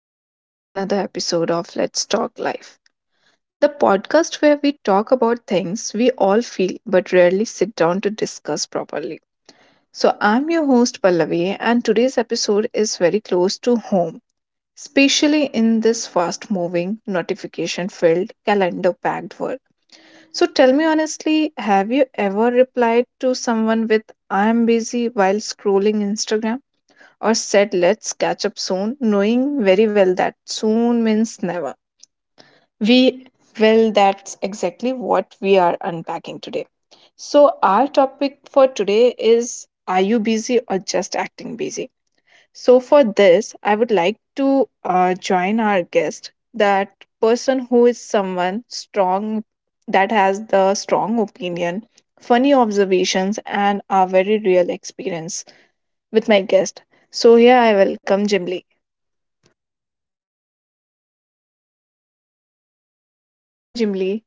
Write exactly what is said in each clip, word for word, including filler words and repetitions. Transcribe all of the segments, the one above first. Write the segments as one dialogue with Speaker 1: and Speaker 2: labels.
Speaker 1: Welcome back to another episode of Let's Talk Life, the podcast where we talk about things we all feel but rarely sit down to discuss properly. So, I'm your host Pallavi, and today's episode is very close to home, especially in this fast moving, notification filled, calendar packed world. So, tell me honestly, have you ever replied to someone with I'm busy while scrolling Instagram? Or said, let's catch up soon, knowing very well that soon means never. We, well, that's exactly what we are unpacking today. So, our topic for today is: are you busy or just acting busy? So, for this, I would like to uh, join our guest, that person who is someone strong, that has the strong opinion, funny observations, and a very real experience with my guest. So, here I welcome Jim Hi, Jimly.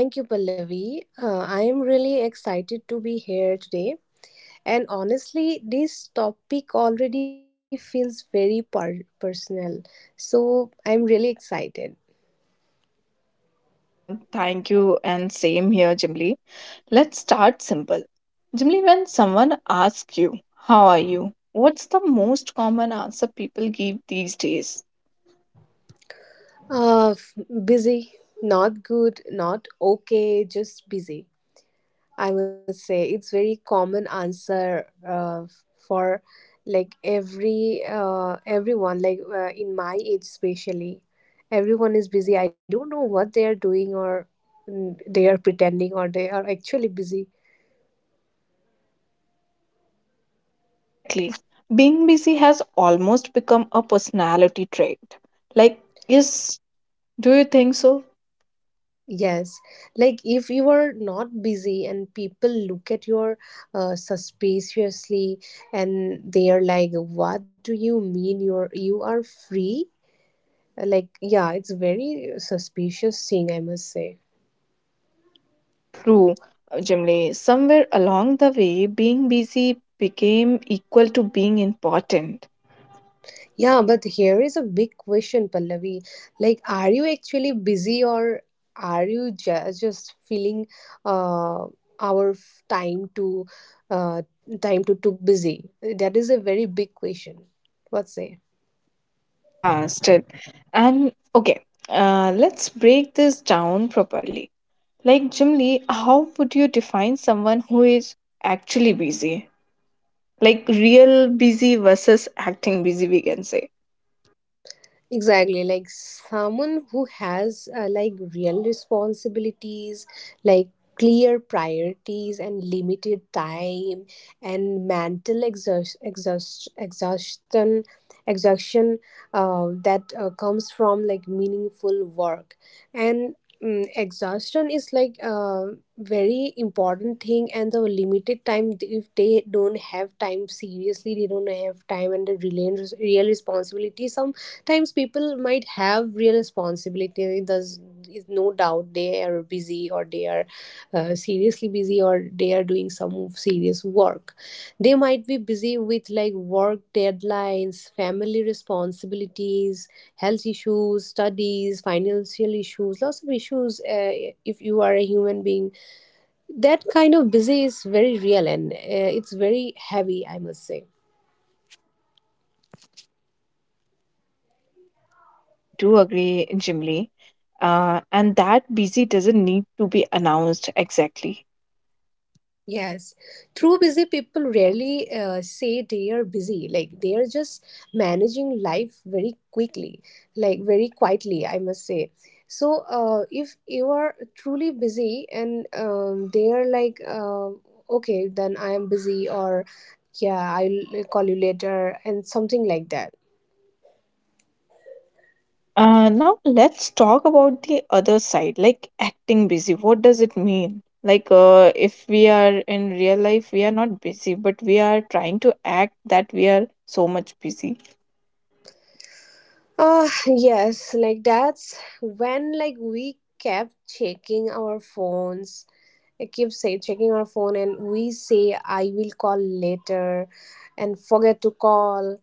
Speaker 2: Thank you, Pallavi. Uh, I am really excited to be here today. And honestly, this topic already feels very per- personal. So I'm really excited.
Speaker 1: Uh, thank you, and same here, Jimly. Let's start simple. Jimly, when someone asks you, how are you? What's the most common answer people give these days?
Speaker 2: Uh, f- Busy, not good, not okay, just busy. I must say it's very common answer uh, for like every uh, everyone like uh, in my age, especially everyone is busy. I don't know what they are doing, or mm, they are pretending or they are actually busy.
Speaker 1: Exactly. Being busy has almost become a personality trait. Like, yes, do you think so?
Speaker 2: Yes, like if you are not busy, and people look at your uh, suspiciously, and they are like, what do you mean you're you are free? Like, yeah, it's very suspicious thing, I must say.
Speaker 1: Yeah, true, uh, Jimli. Somewhere along the way, being busy became equal to being important.
Speaker 2: Yeah, but here is a big question, Pallavi. Like, are you actually busy, or are you ju- just feeling, uh, our f- time to, uh, time to too busy? That is a very big question. What say?
Speaker 1: Yeah, still. And okay, uh, let's break this down properly. Like, Jimli, how would you define someone who is actually busy? Like real busy versus acting busy, we can say.
Speaker 2: Exactly, like someone who has, uh, like, real responsibilities, like clear priorities and limited time, and mental exhaust, exhaust, exhaustion exhaustion uh, that uh, comes from like meaningful work. And mm exhaustion is like a very important thing, and the limited time, if they don't have time, seriously they don't have time. And the real, real responsibility, some times people might have real responsibility. There's is no doubt they are busy, or they are uh, seriously busy, or they are doing some serious work. They might be busy with like work deadlines, family responsibilities, health issues, studies, financial issues, lots of issues uh, If you are a human being, that kind of busy is very real, and uh, it's very heavy, I must say.
Speaker 1: Yeah, I do agree, Jimly. Uh, and that busy doesn't need to be announced exactly.
Speaker 2: Yes, true busy people rarely uh, say they are busy. Like, they are just managing life very quickly, like very quietly, I must say. So, uh, if you are truly busy and um, they are like, uh, okay, then I am busy, or yeah, I'll call you later, and something like that.
Speaker 1: Yeah. Uh, now let's talk about the other side, like acting busy. What does it mean? Like, uh, if we are in real life, we are not busy, but we are trying to act that we are so much busy.
Speaker 2: Ah, yes, like, that's when like we kept checking our phones. I keep say checking our phone, and we say I will call later and forget to call,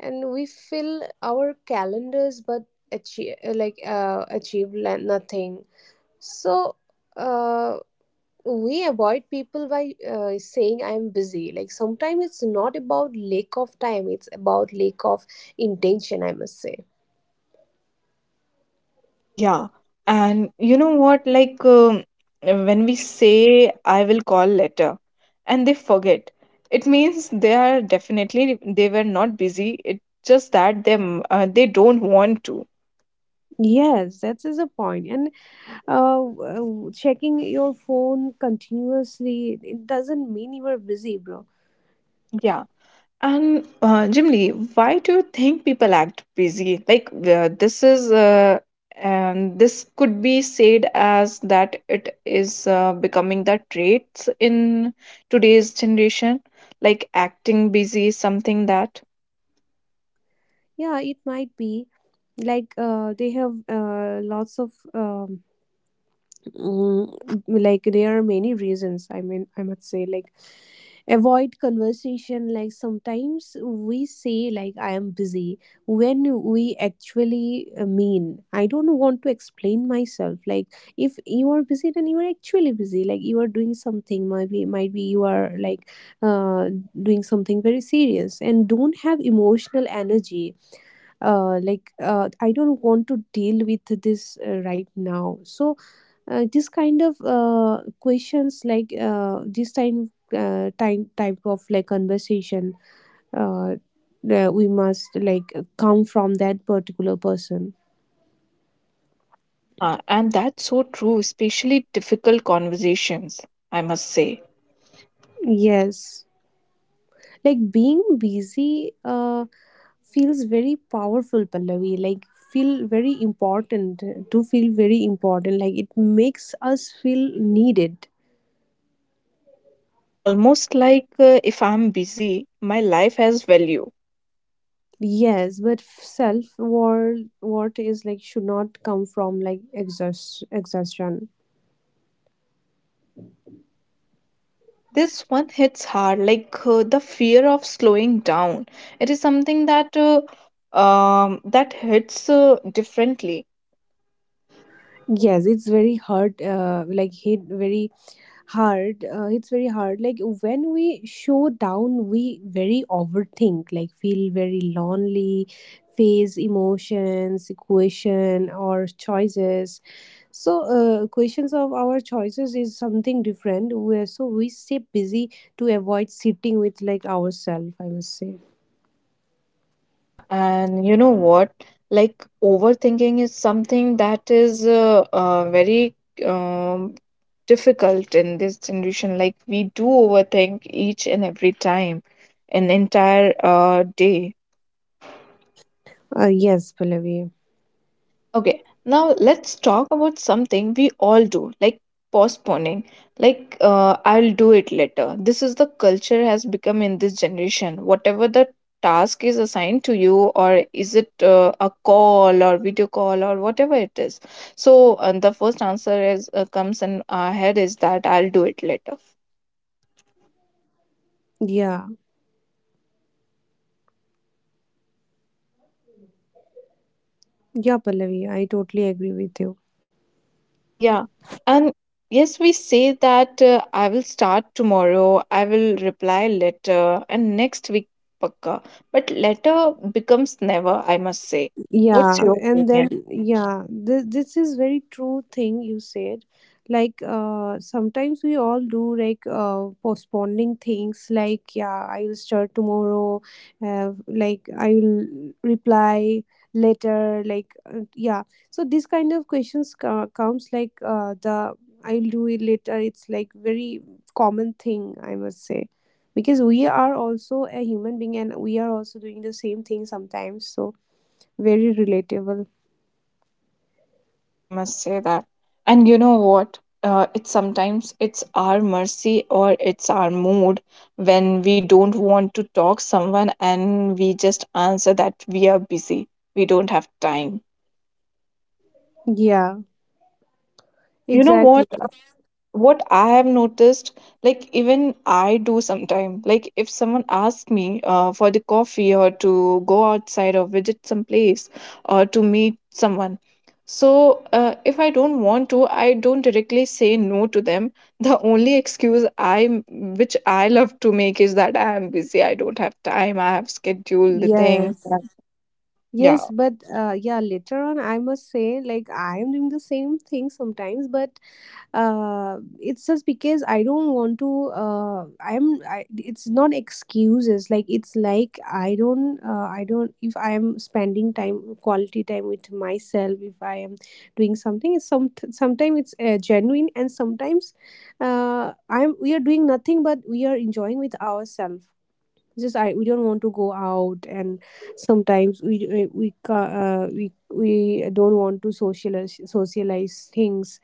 Speaker 2: and we fill our calendars but achieve like uh, achieve la- nothing. So, uh, we avoid people by uh, saying I'm busy. Like, sometimes it's not about lack of time, it's about lack of intention, I must say.
Speaker 1: Yeah. And you know what? Like, um, when we say, I will call later, and they forget, it means they are definitely, they were not busy. It's just that they, uh, they don't want to.
Speaker 2: Yes, that is a point. And, uh, w- checking your phone continuously, it doesn't mean you are busy, bro.
Speaker 1: Yeah. And uh, Jim Lee, why do you think people act busy? Like, uh, this is, uh, and this could be said as that it is uh, becoming the traits in today's generation. Like acting busy is something that,
Speaker 2: Yeah, it might be. Like, uh, they have, uh, lots of, um, mm, like, there are many reasons. I mean, I must say, like avoid conversation. Like, sometimes we say like I am busy when we actually uh, mean I don't want to explain myself. Like, if you are busy, then you are actually busy. Like you are doing something, maybe, might be you are like, uh, doing something very serious and don't have emotional energy. uh, like uh, I don't want to deal with this uh, right now. So, uh, this kind of uh, questions, like, uh, this time uh, time type of like conversation, uh, that we must like come from that particular person.
Speaker 1: Yeah, and that's so true, especially difficult conversations, I must say.
Speaker 2: Yes, like being busy uh, feels very powerful, Pallavi. Like, feel very important, to feel very important. Like, it makes us feel needed.
Speaker 1: Yeah, and almost like, uh, if I'm busy, my life has value.
Speaker 2: Yes, but self worth worth is like, should not come from like exhaust exhaustion.
Speaker 1: This one hits hard, like, uh, the fear of slowing down. It is something that uh, um that hits uh, differently.
Speaker 2: Yes, it's very hard. Uh, like, hit very hard. Uh, it's very hard. Like, when we show down, we very overthink. Like, feel very lonely, face emotions, question or choices. So, uh, questions of our choices is something different. Where so we stay busy to avoid sitting with like ourselves, I must say.
Speaker 1: Yeah, and you know what? Like, overthinking is something that is uh, uh, very um, difficult in this generation. Like, we do overthink each and every time, an entire uh, day.
Speaker 2: Uh, yes, Pallavi.
Speaker 1: Okay, now let's talk about something we all do, like postponing. Like, uh, I'll do it later. This is the culture has become in this generation. Whatever the task is assigned to you, or is it uh, a call or video call or whatever it is. So, uh, the first answer is uh, comes in our head is that I'll do it later.
Speaker 2: Yeah, yeah, Pallavi, I totally agree with you.
Speaker 1: Yeah. And yes, we say that uh, I will start tomorrow, I will reply later, and next week, pakka. But later becomes never, I must say. What's
Speaker 2: Yeah,
Speaker 1: your
Speaker 2: and then,
Speaker 1: opinion?
Speaker 2: yeah, th- this is very true thing you said. Like, uh sometimes we all do, like, uh postponing things, like, yeah, I will start tomorrow, uh, like, I will reply later, like, uh, yeah. So this kind of questions co- comes, like, uh the I'll do it later, it's like very common thing, I must say. Because we are also a human being, and we are also doing the same thing sometimes, so, very relatable.
Speaker 1: Yeah, we must say that. And you know what? Uh, it's sometimes it's our mercy or it's our mood when we don't want to talk someone and we just answer that we are busy, we don't have time.
Speaker 2: Yeah,
Speaker 1: And you know
Speaker 2: exactly.
Speaker 1: what? What I have noticed, like even I do sometime, like if someone asks me uh, for the coffee or to go outside or visit some place or to meet someone, so uh, if I don't want to, I don't directly say no to them the only excuse I which I love to make is that I am busy, I don't have time, I have scheduled the things.
Speaker 2: Yes. Yes,
Speaker 1: Yeah.
Speaker 2: but, uh, yeah, later on, I must say, like, I am doing the same thing sometimes, but uh, it's just because I don't want to. Uh, I'm. I, it's not excuses. Like, it's like I don't. Uh, I don't. If I am spending time, quality time with myself, if I am doing something, it's some. sometimes it's uh, genuine, and sometimes, uh, I'm. we are doing nothing, but we are enjoying with ourselves. It's just I we don't want to go out, and sometimes we we we ca- uh, we we don't want to socialize socialize things.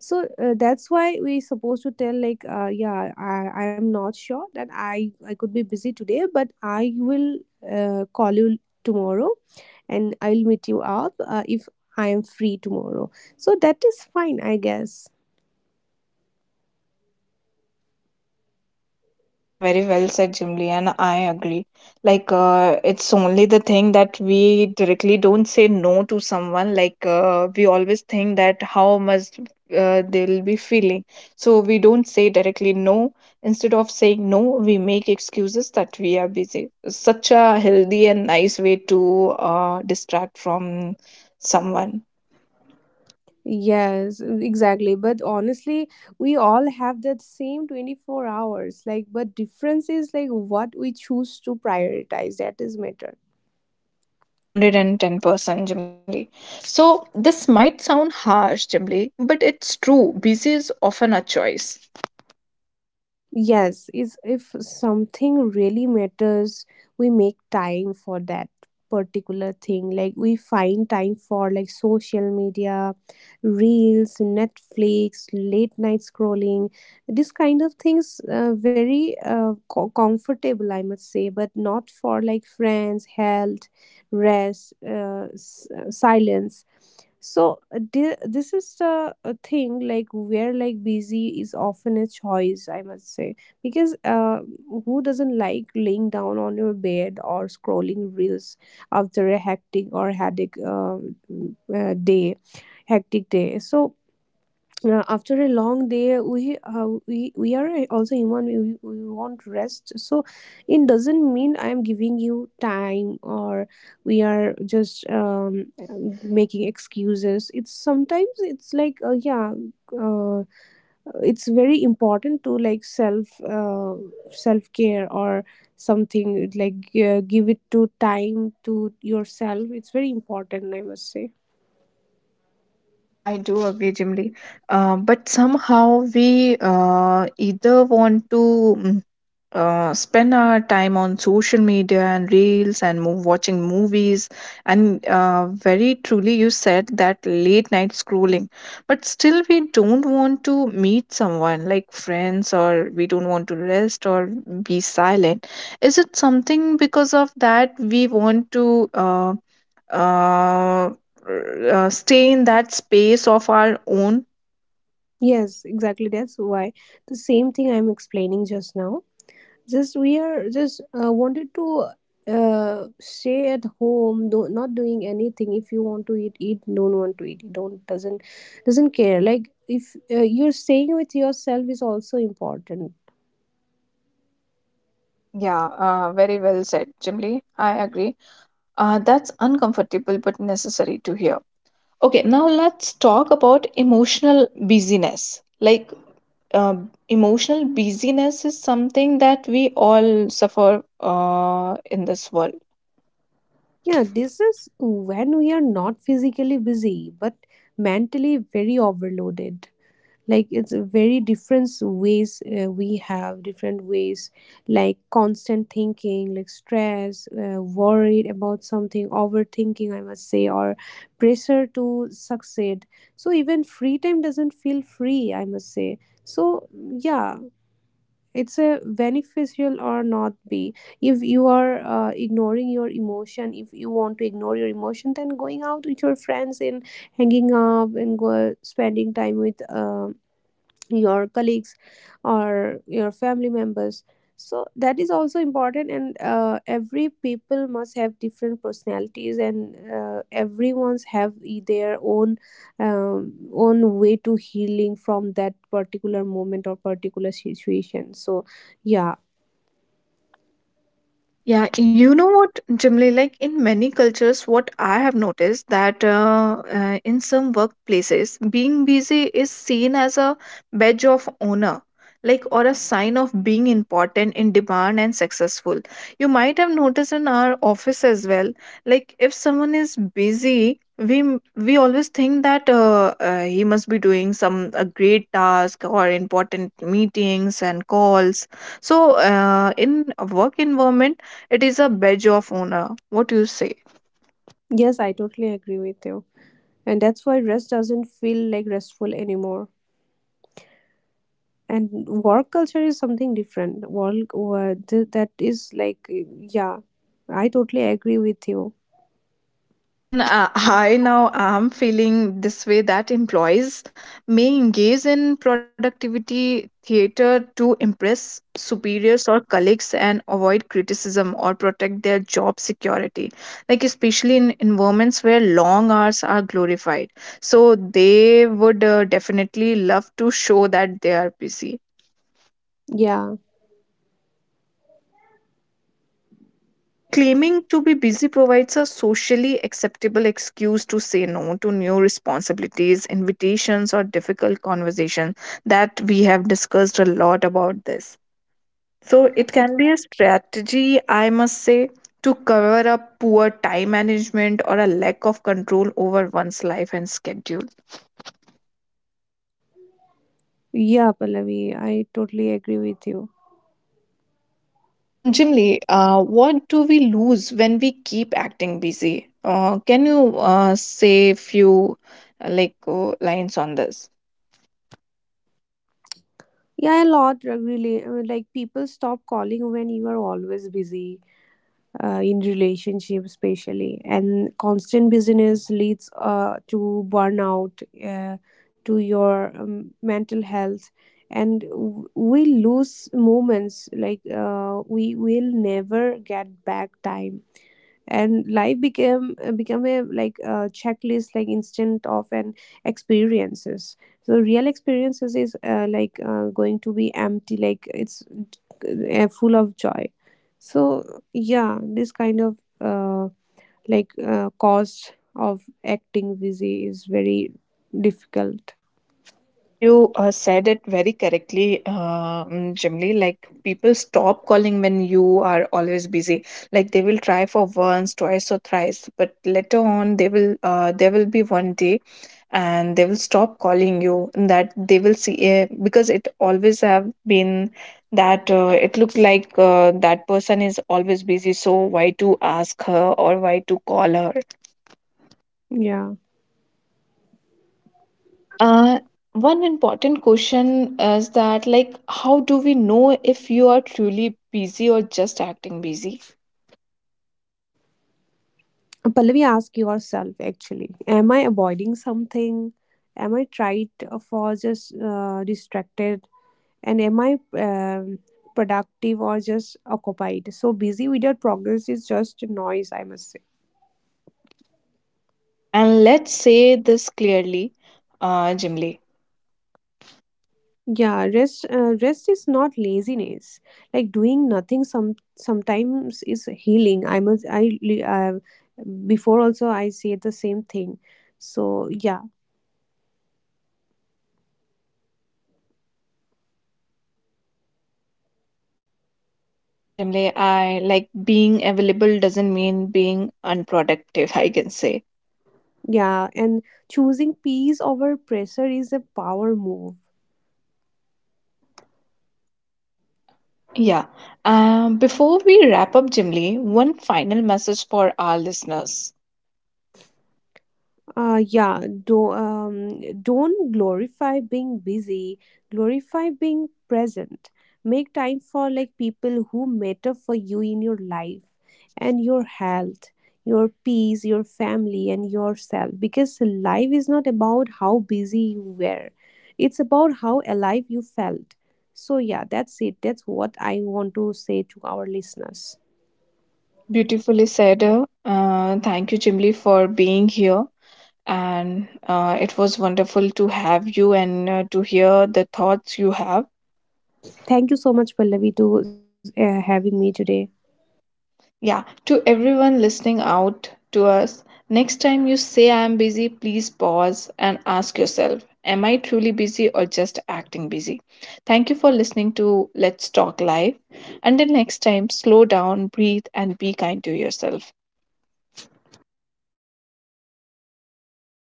Speaker 2: So, uh, that's why we supposed to tell, like, uh, yeah, I I'm not sure that I I could be busy today, but I will, uh, call you tomorrow, and I'll meet you up, uh, if I am free tomorrow. So that is fine, I guess.
Speaker 1: Yeah, very well said, Jimlian. I agree. Like, uh, it's only the thing that we directly don't say no to someone. Like, uh, we always think that how much uh, they will be feeling. So we don't say directly no. Instead of saying no, we make excuses that we are busy. Such a healthy and nice way to uh, distract from someone.
Speaker 2: Yes, exactly. But honestly, we all have that same twenty-four hours. Like, but difference is like what we choose to prioritize. That is matter.
Speaker 1: Uh, one hundred ten percent Jimli. So this might sound harsh, Jimli, but it's true. Busy is often a choice.
Speaker 2: Yes, is, if something really matters, we make time for that particular thing. Like, we find time for like social media, reels, Netflix, late night scrolling. This kind of things, uh, very uh, co- comfortable, I must say, but not for like friends, health, rest, uh, s- uh, silence. So, uh, thi- this is a, a thing, like, where like busy is often a choice, I must say. Because, uh, who doesn't like laying down on your bed or scrolling reels after a hectic or headache uh, mm, uh, day hectic day. So, uh, after a long day, we, uh, we we are also human. We, we we want rest. So, it doesn't mean I am giving you time, or we are just, um, making excuses. It's, sometimes it's like, uh, yeah, uh, it's very important to like self uh, self care, or something, like, uh, give it to time to yourself. It's very important, I must say.
Speaker 1: Yeah, I do agree, Jimly. Uh, but somehow we uh, either want to mm, uh, spend our time on social media and reels and move, watching movies, and uh, very truly, you said that late night scrolling. But still, we don't want to meet someone like friends, or we don't want to rest or be silent. Is it something because of that we want to Uh, uh, uh, stay in that space of our own?
Speaker 2: Yes, exactly. That's why the same thing I'm explaining just now. Just we are just uh, wanted to uh, stay at home, do, not doing anything. If you want to eat, eat. Don't want to eat, don't. Doesn't doesn't care. Like, if, uh, you're staying with yourself is also important.
Speaker 1: Yeah, uh, very well said, Jimli. I agree. Uh, that's uncomfortable but necessary to hear. Okay, now let's talk about emotional busyness. Like, uh, emotional busyness is something that we all suffer uh, in this world.
Speaker 2: Yeah, this is when we are not physically busy, but mentally very overloaded. Like, it's a very different ways. Uh, we have different ways. Like, constant thinking, like stress, uh, worried about something, overthinking, I must say, or pressure to succeed. So even free time doesn't feel free, I must say. So, yeah, it's a beneficial or not be. If you are uh, ignoring your emotion, if you want to ignore your emotion, then going out with your friends and hanging up and go, spending time with um your colleagues or your family members. So that is also important. And, uh, every people must have different personalities, and, uh, everyone's have e- their own, um, own way to healing from that particular moment or particular situation. So, yeah.
Speaker 1: Yeah, you know what, Jimli, like in many cultures, what I have noticed that uh, uh, in some workplaces, being busy is seen as a badge of honor, like or a sign of being important in demand and successful. You might have noticed in our office as well, like if someone is busy, we m- we always think that uh, uh, he must be doing some a great task or important meetings and calls. So uh, in a work environment it is a badge of honor. What you say?
Speaker 2: Yes, I totally agree with you. And that's why rest doesn't feel like restful anymore. And work culture is something different. Work uh, th- that is like, yeah, I totally agree with you.
Speaker 1: And uh, I now am feeling this way that employees may engage in productivity theater to impress superiors or colleagues and avoid criticism or protect their job security. Like, especially in environments where long hours are glorified. So, they would uh, definitely love to show that they are busy.
Speaker 2: Yeah.
Speaker 1: So, claiming to be busy provides a socially acceptable excuse to say no to new responsibilities, invitations, or difficult conversations that we have discussed a lot about this. So, it can be a strategy, I must say, to cover up poor time management or a lack of control over one's life and schedule.
Speaker 2: Yeah, Pallavi, I totally agree with you.
Speaker 1: So, Anjimli, uh, what do we lose when we keep acting busy? Uh, can you uh, say few uh, like uh, lines on this?
Speaker 2: Yeah, a lot, uh, really uh, like, people stop calling when you are always busy, uh, in relationships especially. And constant busyness leads uh, to burnout, uh, to your, um, mental health. And, w- we lose moments, like, uh, we will never get back time. And life became uh, become a like a checklist, like, instant of an experiences. So, real experiences is, uh, like uh, going to be empty, like, it's uh, full of joy. So, yeah, this kind of, uh, like uh, cost of acting busy is very difficult.
Speaker 1: Yeah, you uh, said it very correctly, um, Jimly. Like people stop calling when you are always busy. Like they will try for once, twice, or thrice, but later on they will. Uh, there will be one day, and they will stop calling you. And that they will see, uh, because it always have been that uh, it looked like uh, that person is always busy. So why to ask her or why to call her?
Speaker 2: Yeah.
Speaker 1: Okay. Uh, One important question is that, like, how do we know if you are truly busy or just acting busy?
Speaker 2: Pallavi, ask yourself actually, am I avoiding something? Am I tried for just uh, distracted? And am i um, productive or just occupied? So busy without progress is just noise, I must say.
Speaker 1: Yeah, and let's say this clearly, uh, Jimly.
Speaker 2: Yeah rest uh, rest is not laziness. Like, doing nothing some sometimes is healing, I must, i li- uh, before also I say the same thing. So, yeah.
Speaker 1: Yeah, Jimly, I like being available doesn't mean being unproductive, I can say.
Speaker 2: Yeah. And choosing peace over pressure is a power move.
Speaker 1: Yeah. Um, before we wrap up, Jimly, one final message for our listeners.
Speaker 2: Uh, yeah, do, um, don't glorify being busy, glorify being present. Make time for like people who matter for you in your life, and your health, your peace, your family, and yourself. Because life is not about how busy you were, it's about how alive you felt. So, yeah, that's it. That's what I want to say to our listeners.
Speaker 1: Beautifully said. Uh, thank you, Jimly, for being here, and uh, it was wonderful to have you and uh, to hear the thoughts you have.
Speaker 2: Thank you so much, Pallavi, to uh, having me today.
Speaker 1: Yeah, to everyone listening out to us, next time you say I am busy, please pause and ask yourself, am I truly busy or just acting busy? Thank you for listening to Let's Talk Live. Until next time, slow down, breathe, and be kind to yourself.